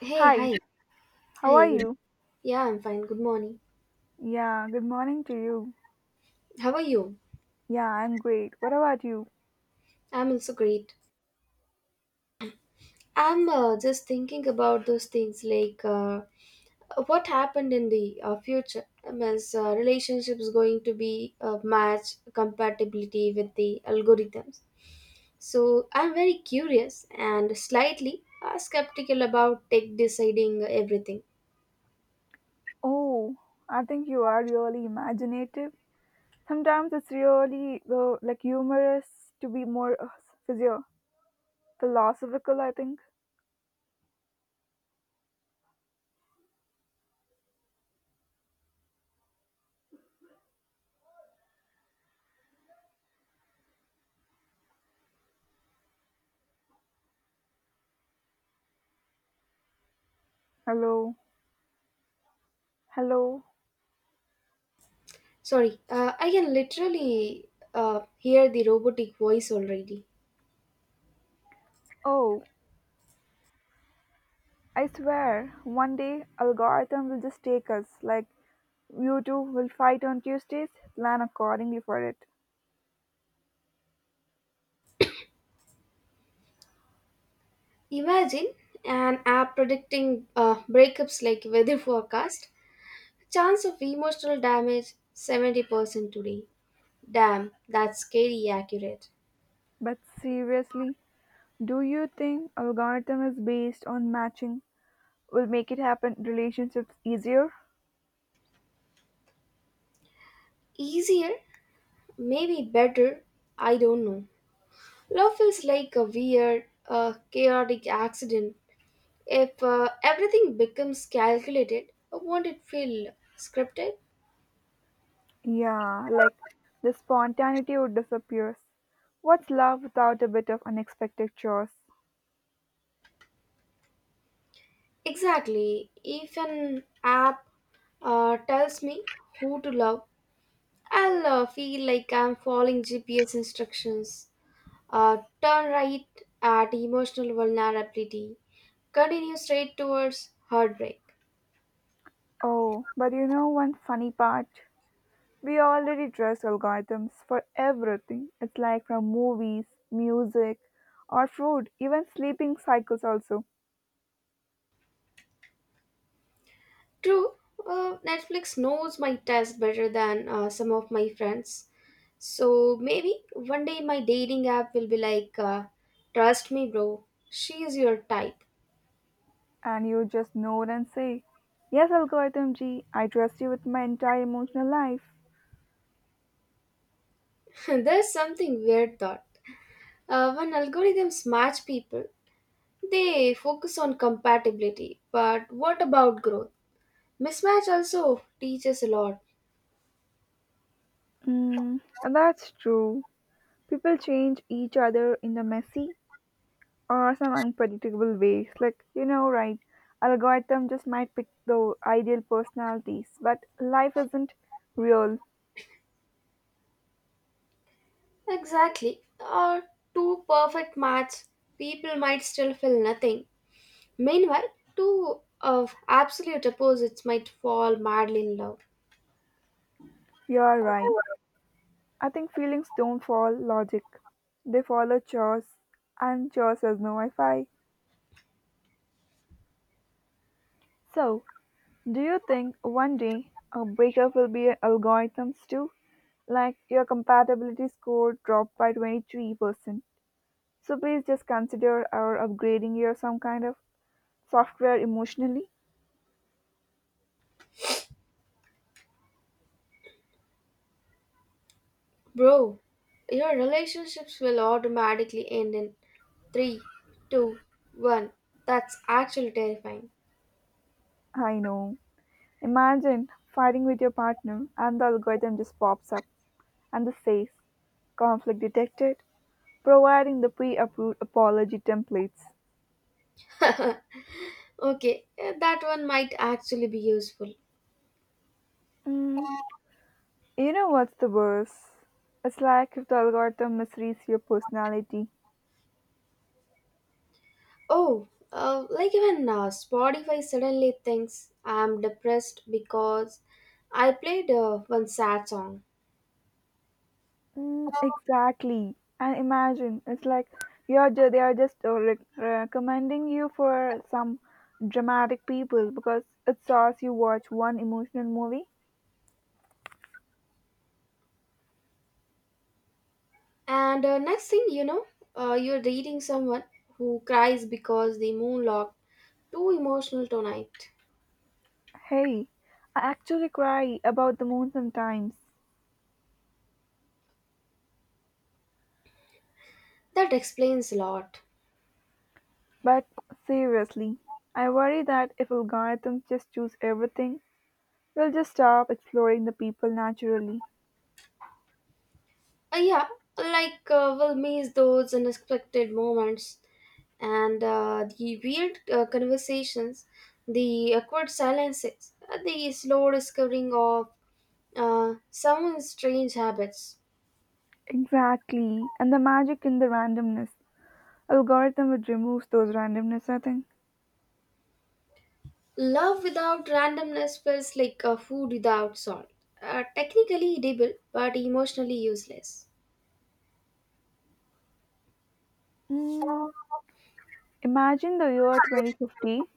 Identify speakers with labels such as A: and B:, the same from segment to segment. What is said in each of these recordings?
A: Hey,
B: Hi,
A: hi.
B: how
A: Hi.
B: are
A: Good.
B: you?
A: Yeah, I'm fine. Good morning.
B: Yeah, good morning to you.
A: How are you?
B: Yeah, I'm great. What about you?
A: I'm also great. I'm just thinking about those things like what happened in the future. Is relationships going to be match compatibility with the algorithms? So I'm very curious and slightly skeptical about tech deciding everything.
B: Oh, I think you are really imaginative. Sometimes it's really like humorous to be more physio- philosophical, I think. Hello. Hello.
A: Sorry, I can literally hear the robotic voice already.
B: Oh, I swear, one day algorithm will just take us. Like, you two will fight on Tuesdays, plan accordingly for it.
A: Imagine an app predicting breakups like weather forecast. Chance of emotional damage 70% today. Damn, that's scary accurate.
B: But seriously, do you think algorithm is based on matching? Will make it happen relationships easier.
A: Easier, maybe better, I don't know. Love feels like a weird, chaotic accident. If everything becomes calculated, won't it feel scripted?
B: Yeah, like the spontaneity would disappear. What's love without a bit of unexpected chores?
A: Exactly. If an app tells me who to love, I'll feel like I'm following GPS instructions. Turn right at emotional vulnerability. Continue straight towards heartbreak.
B: Oh, but you know one funny part, we already dress algorithms for everything. It's like from movies, music, or food, even sleeping cycles also.
A: True, Netflix knows my taste better than some of my friends. So maybe one day my dating app will be like, trust me, bro, she's your type.
B: And you just nod and say, yes, algorithm g I trust you with my entire emotional life.
A: There's something weird thought. When algorithms match people, they focus on compatibility, but what about growth? Mismatch also teaches a lot.
B: Mm, and that's true. People change each other in a messy or some unpredictable ways. Like, you know, right, algorithm just might pick the ideal personalities, but life isn't real.
A: Exactly. Or two perfect match, people might still feel nothing. Meanwhile, two of absolute opposites might fall madly in love.
B: You're right. I think feelings don't follow logic. They follow chores, and chores has no Wi-Fi. So, do you think one day a breakup will be algorithms too? Like your compatibility score dropped by 23%. So please just consider or upgrading your some kind of software emotionally?
A: Bro, your relationships will automatically end in three, two, one. That's actually terrifying.
B: I know. Imagine fighting with your partner and the algorithm just pops up and this says conflict detected, providing the pre approved apology templates.
A: okay, that one might actually be useful.
B: Mm, you know what's the worst? It's like if the algorithm misreads your personality.
A: Oh, like even Spotify suddenly thinks I'm depressed because I played one sad song.
B: Mm, exactly. And imagine it's like they are just recommending you for some dramatic people because it saws you watch one emotional movie.
A: And next thing you know, you're reading someone who cries because the moon looked too emotional tonight.
B: Hey, I actually cry about the moon sometimes.
A: That explains a lot.
B: But seriously, I worry that if algorithms just choose everything, we'll just stop exploring the people naturally.
A: Yeah, like we'll miss those unexpected moments and the weird conversations, the awkward silences, the slow discovering of some strange habits.
B: Exactly, and the magic in the randomness. Algorithm would remove those randomness, I think.
A: Love without randomness feels like a food without salt. Technically edible, but emotionally useless.
B: Mm, imagine the year 2050.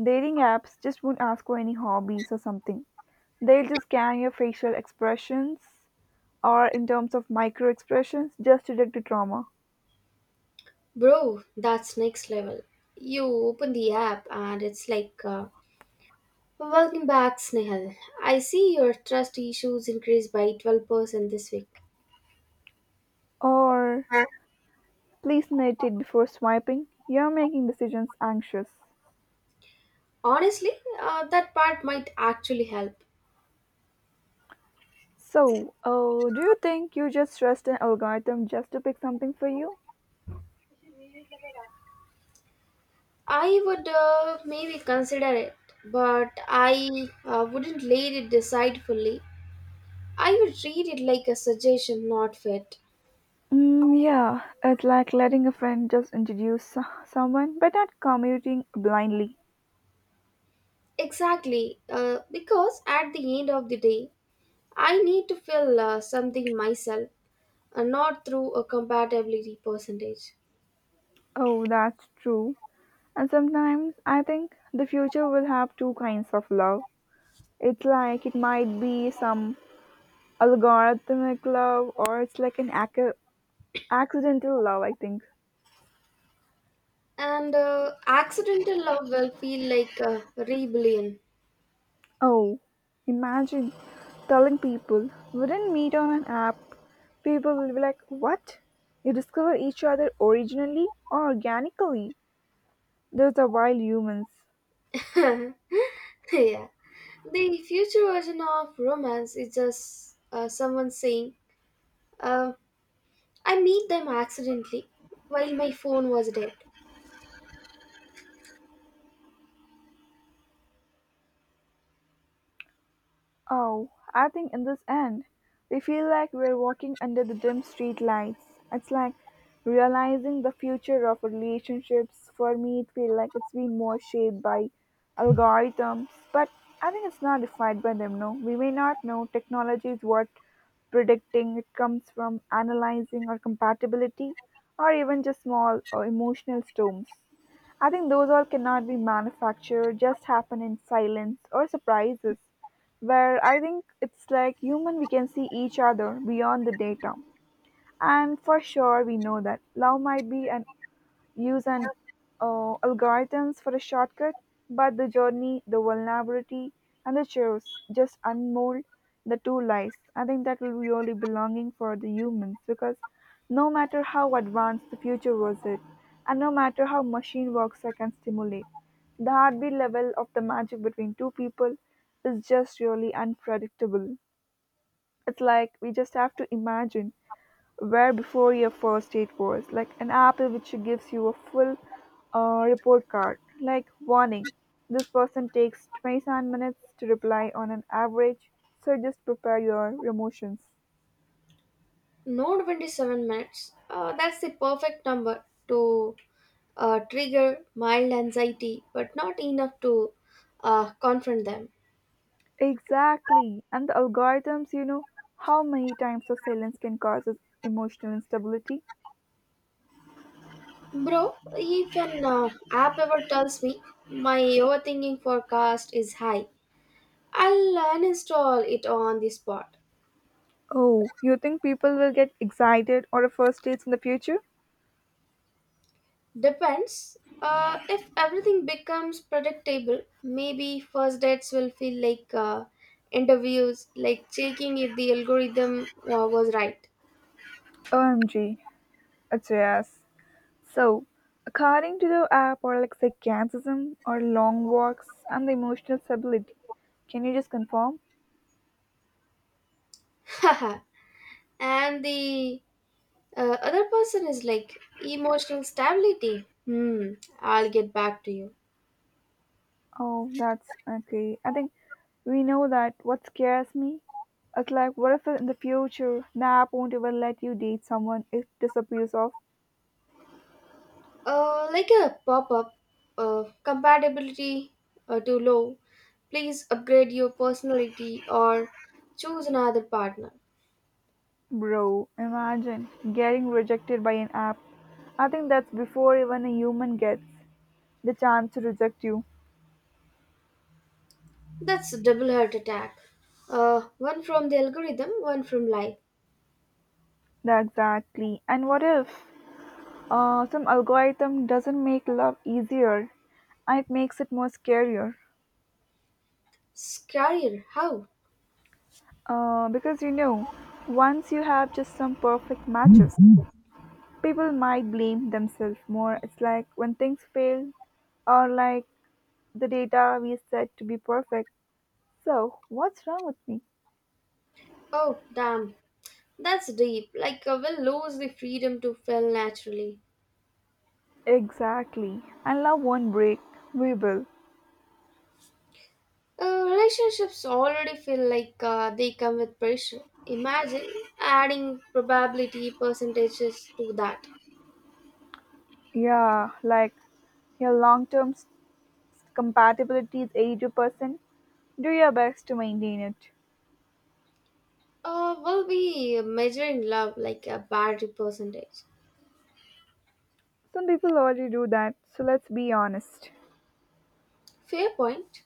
B: Dating apps just won't ask for any hobbies or something. They'll just scan your facial expressions or in terms of micro expressions just to detect the trauma.
A: Bro, that's next level. You open the app and it's like, Welcome back, Snehal. I see your trust issues increased by 12% this week.
B: Or, please note it before swiping. You're making decisions anxious.
A: Honestly, that part might actually help.
B: So, do you think you just trust an algorithm just to pick something for you?
A: I would maybe consider it, but I wouldn't let it decide fully. I would read it like a suggestion, not fit.
B: Mm, yeah, it's like letting a friend just introduce someone, but not commuting blindly.
A: Exactly, because at the end of the day, I need to fill something myself, not through a compatibility percentage.
B: Oh, that's true. And sometimes I think the future will have two kinds of love. It's like it might be some algorithmic love, or it's like an accidental love, I think.
A: And accidental love will feel like a rebellion.
B: Oh, imagine telling people we didn't meet on an app. People will be like, what? You discover each other originally or organically? That's a wild humans.
A: yeah, the future version of romance is just someone saying, uh, "I meet them accidentally while my phone was dead."
B: Oh, I think in this end, we feel like we're walking under the dim street lights. It's like realizing the future of relationships. For me, it feels like it's been more shaped by algorithms, but I think it's not defined by them, no. We may not know technology is what predicting it comes from analyzing or compatibility or even just small or emotional storms. I think those all cannot be manufactured, just happen in silence or surprises. Where I think it's like human, we can see each other beyond the data. And for sure, we know that love might be an use an algorithms for a shortcut, but the journey, the vulnerability, and the chores just unmold the two lives. I think that will really belonging for the humans because no matter how advanced the future was it, and no matter how machine works I can stimulate, the heartbeat level of the magic between two people is just really unpredictable. It's like we just have to imagine where before your first date was like an apple which gives you a full report card like warning this person takes 27 minutes to reply on an average, so just prepare your emotions.
A: No 27 minutes. That's the perfect number to trigger mild anxiety, but not enough to confront them.
B: Exactly, and the algorithms, you know, how many times of silence can cause us emotional instability.
A: Bro, if an app ever tells me my overthinking forecast is high, I'll uninstall it on the spot.
B: Oh, you think people will get excited or a first dates in the future?
A: Depends. If everything becomes predictable, maybe first dates will feel like interviews, like checking if the algorithm was right.
B: OMG, it's yes. So, according to the app, or like sarcasm, or long walks, and the emotional stability. Can you just confirm?
A: and the other person is like emotional stability hmm I'll get back to you.
B: Oh, that's okay. I think we know that what scares me, it's like what if in the future the app won't even let you date someone, it disappears off.
A: Like a pop-up, compatibility too low, please upgrade your personality or choose another partner.
B: Bro, imagine getting rejected by an app. I think that's before even a human gets the chance to reject you.
A: That's a double heart attack, one from the algorithm one from life.
B: Yeah, exactly, and what if some algorithm doesn't make love easier, it makes it more scarier.
A: Scarier how?
B: Because you know, once you have just some perfect matches, people might blame themselves more. It's like when things fail, or like the data we said to be perfect. So, what's wrong with me?
A: Oh damn, that's deep, like I will lose the freedom to feel naturally.
B: Exactly. And love won't break. We will.
A: Relationships already feel like they come with pressure. Imagine adding probability percentages to that.
B: Yeah, like your long term compatibility is 80%. Do your best to maintain it.
A: We'll be measuring love like a battery percentage.
B: Some people already do that, so let's be honest.
A: Fair point.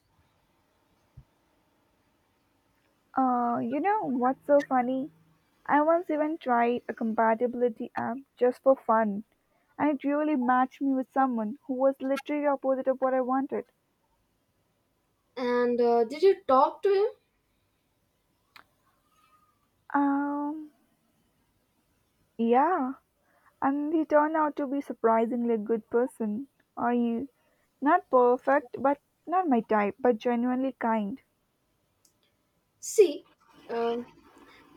B: You know what's so funny? I once even tried a compatibility app just for fun, and it really matched me with someone who was literally opposite of what I wanted.
A: And did you talk to him?
B: Um, yeah, and he turned out to be surprisingly a good person. Are you not perfect, but not my type, but genuinely kind?
A: See, uh,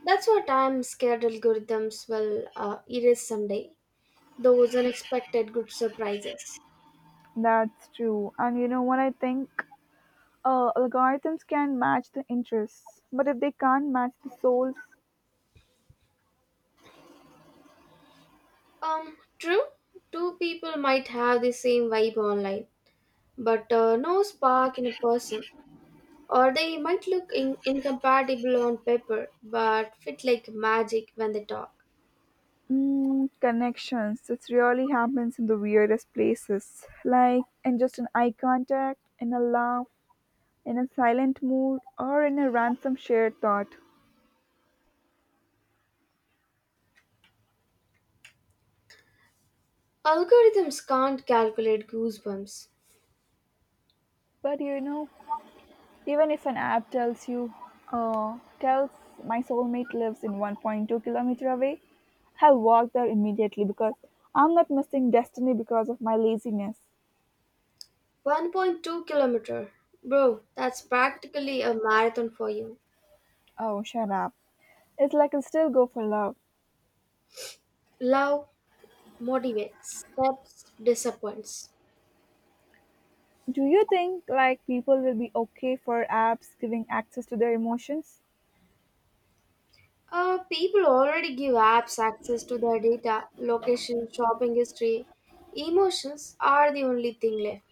A: that's what I'm scared algorithms will erase someday. Those unexpected good surprises.
B: That's true. And you know what I think? Algorithms can match the interests, but if they can't match the soul's
A: True. Two people might have the same vibe online, but no spark in a person. Or they might look incompatible on paper but fit like magic when they talk.
B: mm, connections, it really happens in the weirdest places, like in just an eye contact, in a laugh, in a silent mood, or in a random shared thought.
A: Algorithms can't calculate goosebumps.
B: But you know, even if an app tells you, tells my soulmate lives in 1.2 kilometer away, I'll walk there immediately because I'm not missing destiny because of my laziness.
A: 1.2 kilometer. Bro, that's practically a marathon for you.
B: Oh, shut up. It's like I'll still go for love.
A: Love motivates, steps disappoints.
B: Do you think like people will be okay for apps giving access to their emotions?
A: People already give apps access to their data, location, shopping history. Emotions are the only thing left.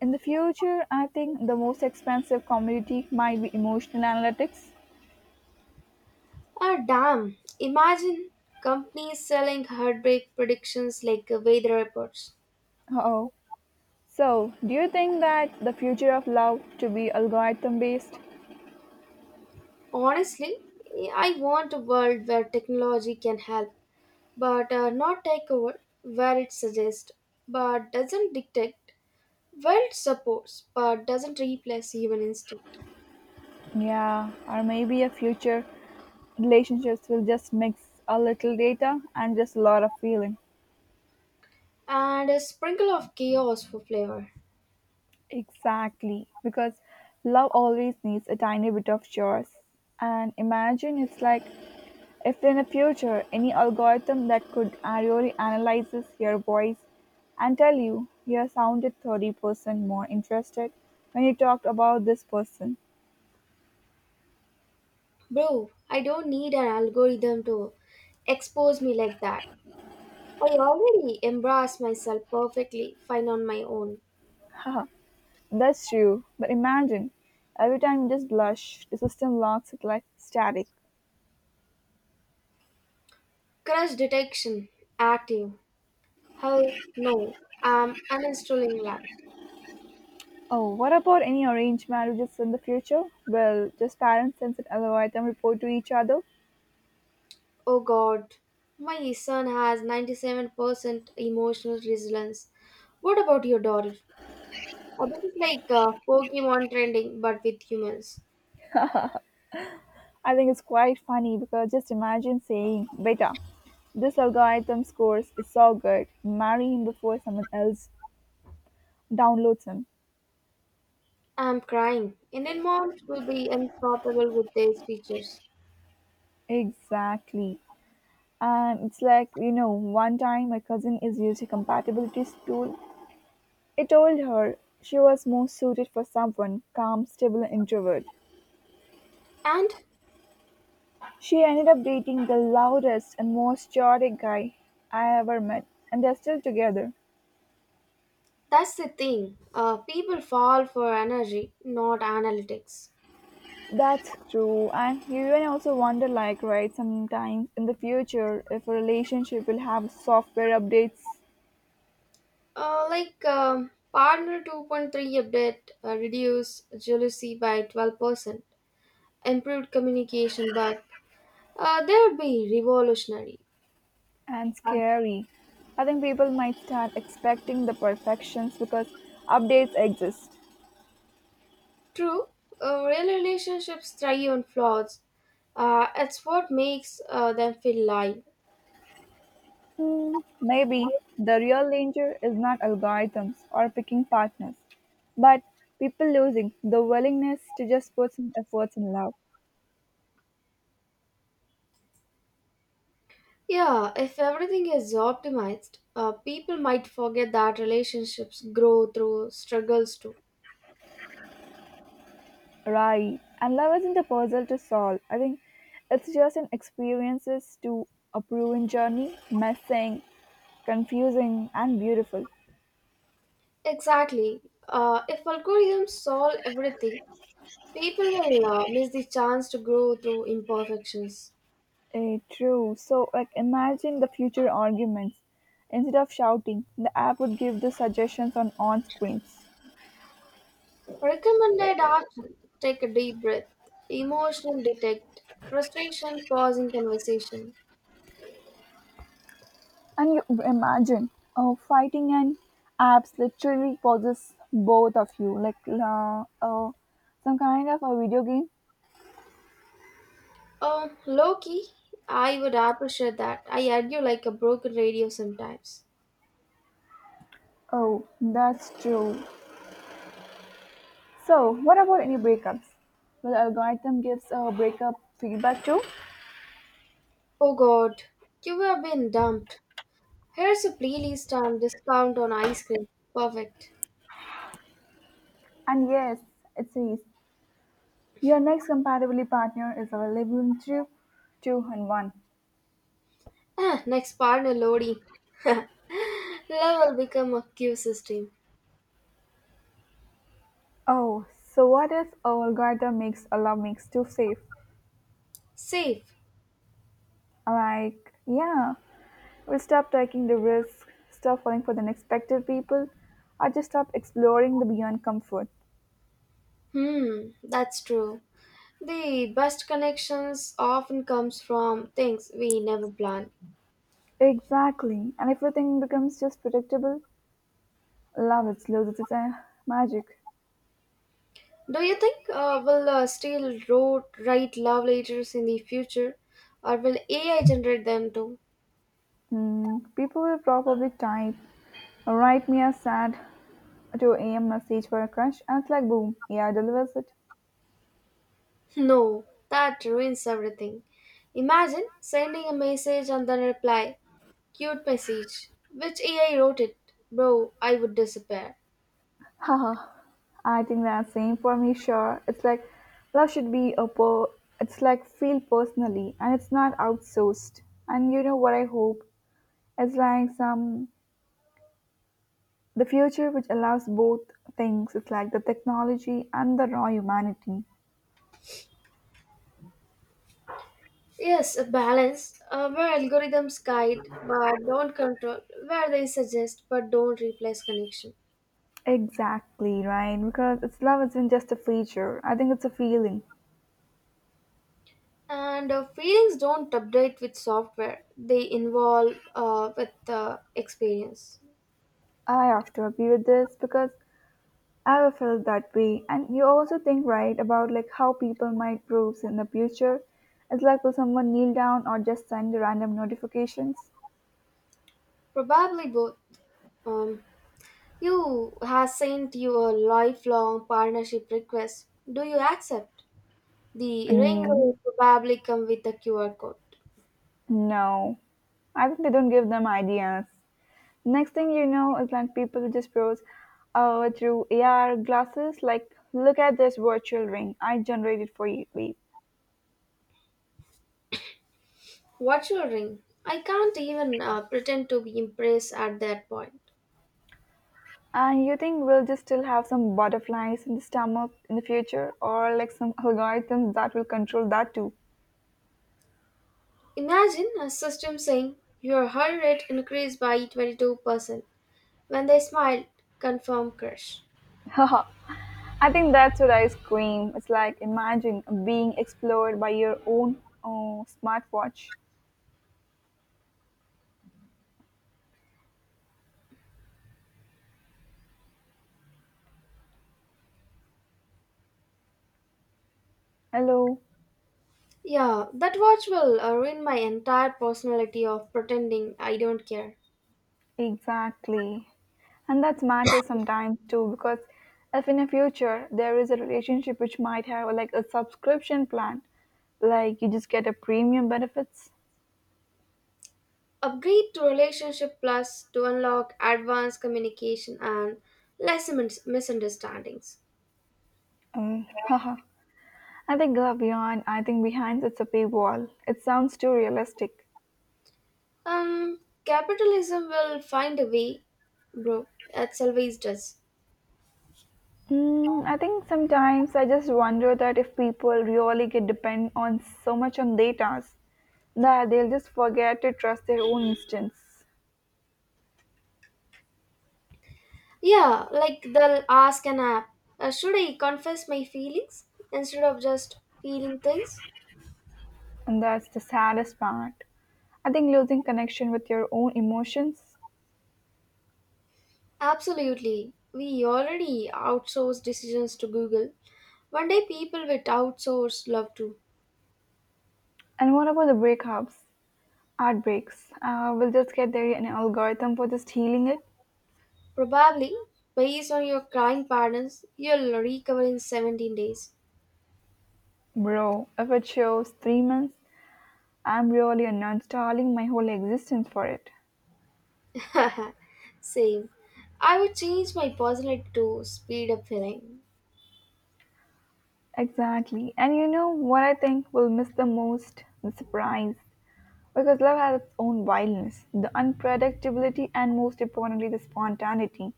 B: In the future, I think the most expensive commodity might be emotional analytics.
A: Ah, damn. Imagine companies selling heartbreak predictions like weather reports.
B: Oh. So, do you think that the future of love to be algorithm based?
A: Honestly, I want a world where technology can help, but not take over, where it suggests, but doesn't dictate, where it supports, but doesn't replace human instinct.
B: Yeah, or maybe a future relationships will just mix a little data and just a lot of feeling.
A: And a sprinkle of chaos for flavor.
B: Exactly, because love always needs a tiny bit of chores. And imagine it's like if in the future any algorithm that could really analyzes your voice and tell you you sounded 30% more interested when you talked about this person.
A: Bro, I don't need an algorithm to expose me like that. I already embrace myself perfectly fine on my own.
B: Ah, that's true. But imagine every time you just blush, the system locks it like static.
A: Crash detection active. Hell no, I'm uninstalling life.
B: Oh, what about any arranged marriages in the future? Well, just parents send an algorithm report to each other.
A: Oh god, my son has 97% emotional resilience. What about your daughter? Oh, this is like Pokemon trending but with humans.
B: I think it's quite funny because just imagine saying, Beta, this algorithm scores is so good, marry him before someone else downloads him.
A: I'm crying. Indian moms will be unstoppable with their features.
B: Exactly. And it's like, you know, one time my cousin is using compatibility tool. It told her she was more suited for someone calm, stable, and introvert.
A: And
B: She ended up dating the loudest and most chaotic guy I ever met, and they're still together.
A: that's the thing, people fall for energy, not analytics.
B: That's true, and you even also wonder, like, right, sometimes in the future, if a relationship will have software updates
A: Like Partner 2.3 update, reduced jealousy by 12%, improved communication, but they would be revolutionary.
B: and scary, I think people might start expecting the perfections because updates exist.
A: True, real relationships thrive on flaws. It's what makes them feel live.
B: Hmm, maybe the real danger is not algorithms or picking partners, but people losing the willingness to just put some efforts in love.
A: Yeah, if everything is optimized, people might forget that relationships grow through struggles too.
B: Right. And love isn't a puzzle to solve. I think it's just an experiences to a proven journey, messing, confusing, and beautiful.
A: Exactly. If algorithms solve everything, people will miss the chance to grow through imperfections.
B: Eh, true. So, like, imagine the future arguments. Instead of shouting, the app would give the suggestions on screens.
A: Recommended action: take a deep breath, emotional detect, frustration, pausing conversation.
B: And you imagine oh fighting and apps literally causes both of you, like oh some kind of a video game.
A: Oh, Loki, I would appreciate that. I argue like a broken radio sometimes.
B: Oh, that's true. So, what about any breakups? Well, algorithm gives a breakup feedback too.
A: Oh god, you have been dumped. Here's a playlist on discount on ice cream. Perfect.
B: And yes, it says your next compatible partner is available to two and one.
A: Ah, next partner loading. Love will become a queue system.
B: Oh, so what if a algorithm makes a love mix too safe?
A: Safe.
B: Like, yeah, we'll stop taking the risk, stop falling for the unexpected people, or just stop exploring the beyond comfort.
A: Hmm, that's true. The best connections often comes from things we never plan.
B: Exactly. And if everything becomes just predictable, love it loses its magic.
A: Do you think will still road write love letters in the future, or will AI generate them too?
B: Mm, people will probably type, write me a sad 2 a.m. message for a crush, and it's like, boom, yeah, delivers it.
A: No, that ruins everything. Imagine sending a message and then reply, "Cute message." Which AI wrote it, bro? I would disappear.
B: Haha, I think that's same for me, sure. It's like, love should be a per, it's like, feel personally, and it's not outsourced. And you know what I hope? It's like some, the future which allows both things. It's like the technology and the raw humanity.
A: Yes, a balance, where algorithms guide but don't control, where they suggest but don't replace connection.
B: Exactly, right? Because it's love isn't just a feature. I think it's a feeling.
A: And feelings don't update with software, they involve with experience.
B: I have to agree with this because I have felt that way. And you also think right about like how people might prove in the future. It's like will someone kneel down or just send random notifications?
A: Probably both. Um, you have sent you a lifelong partnership request. Do you accept? The ring will
B: Mm,
A: probably come with a QR code.
B: no, I think they don't give them ideas. Next thing you know is like people just browse through AR glasses. Like, look at this virtual ring I generated for you. Babe."
A: What's your ring? I can't even pretend to be impressed at that point.
B: And you think we'll just still have some butterflies in the stomach in the future, or like some algorithms that will control that too?
A: Imagine a system saying your heart rate increased by 22% when they smiled, confirm crush.
B: Haha. I think that's what I scream. It's like imagine being explored by your own smartwatch. Hello,
A: Yeah, that watch will ruin my entire personality of pretending I don't care.
B: exactly. And that matters sometimes too because if in the future there is a relationship which might have like a subscription plan, like you just get a premium benefits.
A: Upgrade to Relationship Plus to unlock advanced communication and less misunderstandings.
B: Haha. I think beyond, I think behind it's a paywall. It sounds too realistic.
A: Um, capitalism will find a way, bro. It always does.
B: Mm, I think sometimes I just wonder that if people really get depend on so much on data, that they'll just forget to trust their own instincts,
A: Yeah, like they'll ask an app, should I confess my feelings instead of just feeling things?
B: and that's the saddest part. I think losing connection with your own emotions.
A: Absolutely. We already outsource decisions to Google. One day people will outsource love too.
B: And what about the breakups, heartbreaks? We'll just get there an algorithm for just healing it,
A: Probably, based on your crying patterns, you'll recover in 17 days.
B: bro. If it shows 3 months, I'm really uninstalling my whole existence for it.
A: Same. I would change my personality to speed up healing.
B: Exactly. And you know what I think we'll miss the most? The surprise. Because love has its own wildness, the unpredictability, and most importantly, the spontaneity.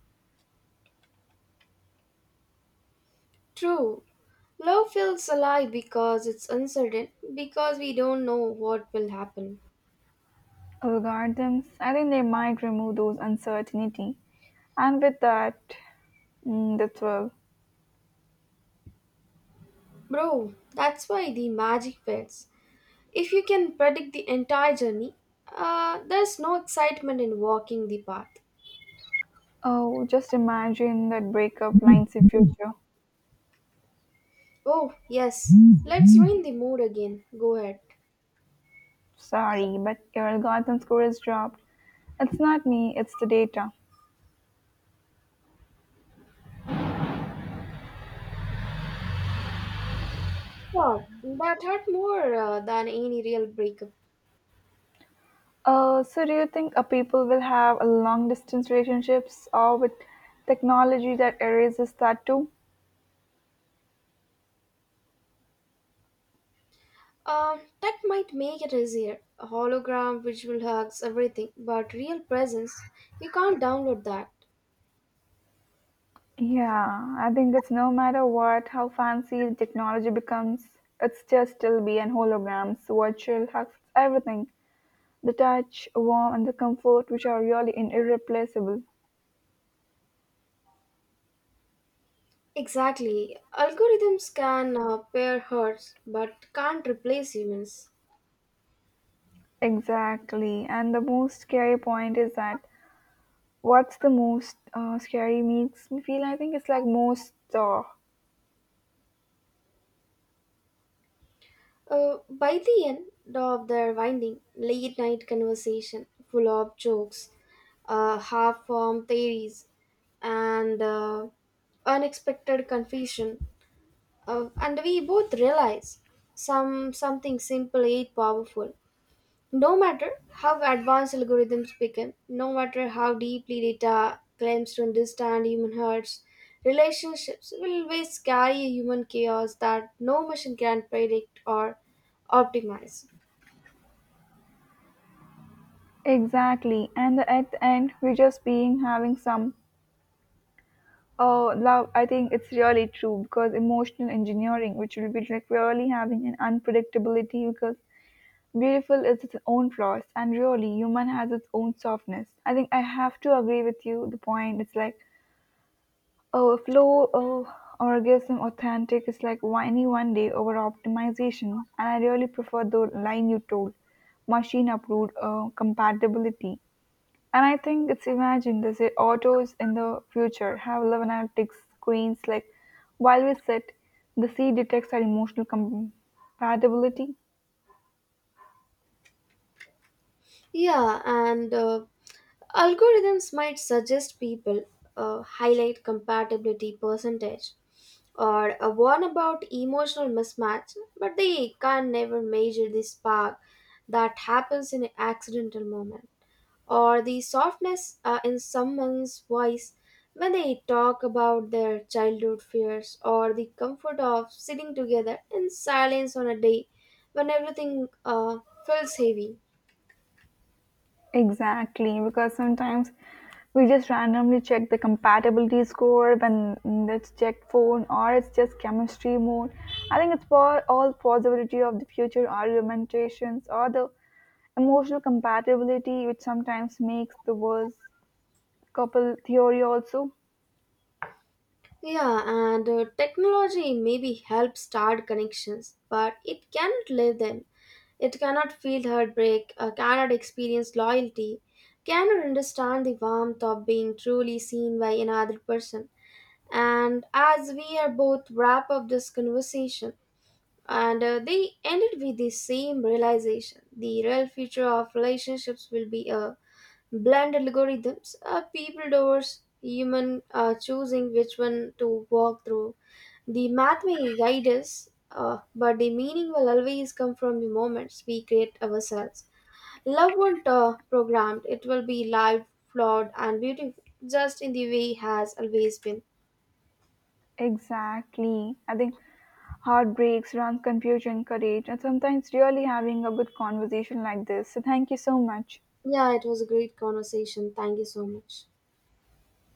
A: True. Love feels alive because it's uncertain, because we don't know what will happen.
B: Algorithms, I think they might remove those uncertainty. And with that, mm, the thrill.
A: Bro, that's why the magic fades. If you can predict the entire journey, there's no excitement in walking the path.
B: Oh, just imagine that breakup lines in future.
A: Oh, yes. Let's ruin the mood again. Go ahead.
B: Sorry, but your algorithm score is dropped. It's not me, it's the data.
A: Wow, that hurt more than any real breakup.
B: So, do you think people will have a long distance relationships or with technology that erases that too?
A: That might make it easier. A hologram, visual hugs, everything. But real presence, you can't download that.
B: Yeah, I think it's no matter what, how fancy the technology becomes, it's just still be an holograms, virtual hugs, everything. The touch, warmth, and the comfort, which are really in irreplaceable.
A: Exactly. Algorithms can pair herds but can't replace humans.
B: Exactly. And the most scary point is that what's the most scary makes me feel, I think it's like most
A: By the end of their winding, late night conversation full of jokes, half formed theories, and unexpected confusion, and we both realize something simple yet powerful. No matter how advanced algorithms become, no matter how deeply data claims to understand human hearts, relationships will always carry a human chaos that no machine can predict or optimize.
B: exactly. And at the end, we're just being having some oh love. I think it's really true because emotional engineering, which will be like really having an unpredictability because beautiful is its own flaws and really human has its own softness. I think I have to agree with you. The point it's like oh flow oh orgasm authentic is like whiny one day over optimization and I really prefer the line you told machine approved compatibility. And I think it's imagined they say autos in the future have 11 analytics screens. Like while we sit, the seat detects our emotional compatibility.
A: Yeah, and algorithms might suggest people, highlight compatibility percentage or a warn about emotional mismatch, but they can never measure the spark that happens in an accidental moment, or the softness in someone's voice when they talk about their childhood fears, or the comfort of sitting together in silence on a day when everything feels heavy.
B: Exactly, because sometimes we just randomly check the compatibility score when let's check phone or it's just chemistry mode. I think it's for all possibility of the future argumentations or the emotional compatibility, which sometimes makes the worst couple theory also.
A: Yeah, and technology maybe helps start connections, but it cannot live them. It cannot feel heartbreak, cannot experience loyalty, cannot understand the warmth of being truly seen by another person. And as we are both wrap up this conversation, and they ended with the same realization: the real future of relationships will be a blended algorithms, people doors, human choosing which one to walk through. The math may guide us, but the meaning will always come from the moments we create ourselves. Love won't programmed; it will be live, flawed, and beautiful, just in the way it has always been.
B: Exactly. I think heartbreaks, wrong confusion, courage, and sometimes really having a good conversation like this. So, thank you so much.
A: Yeah, it was a great conversation. Thank you so much.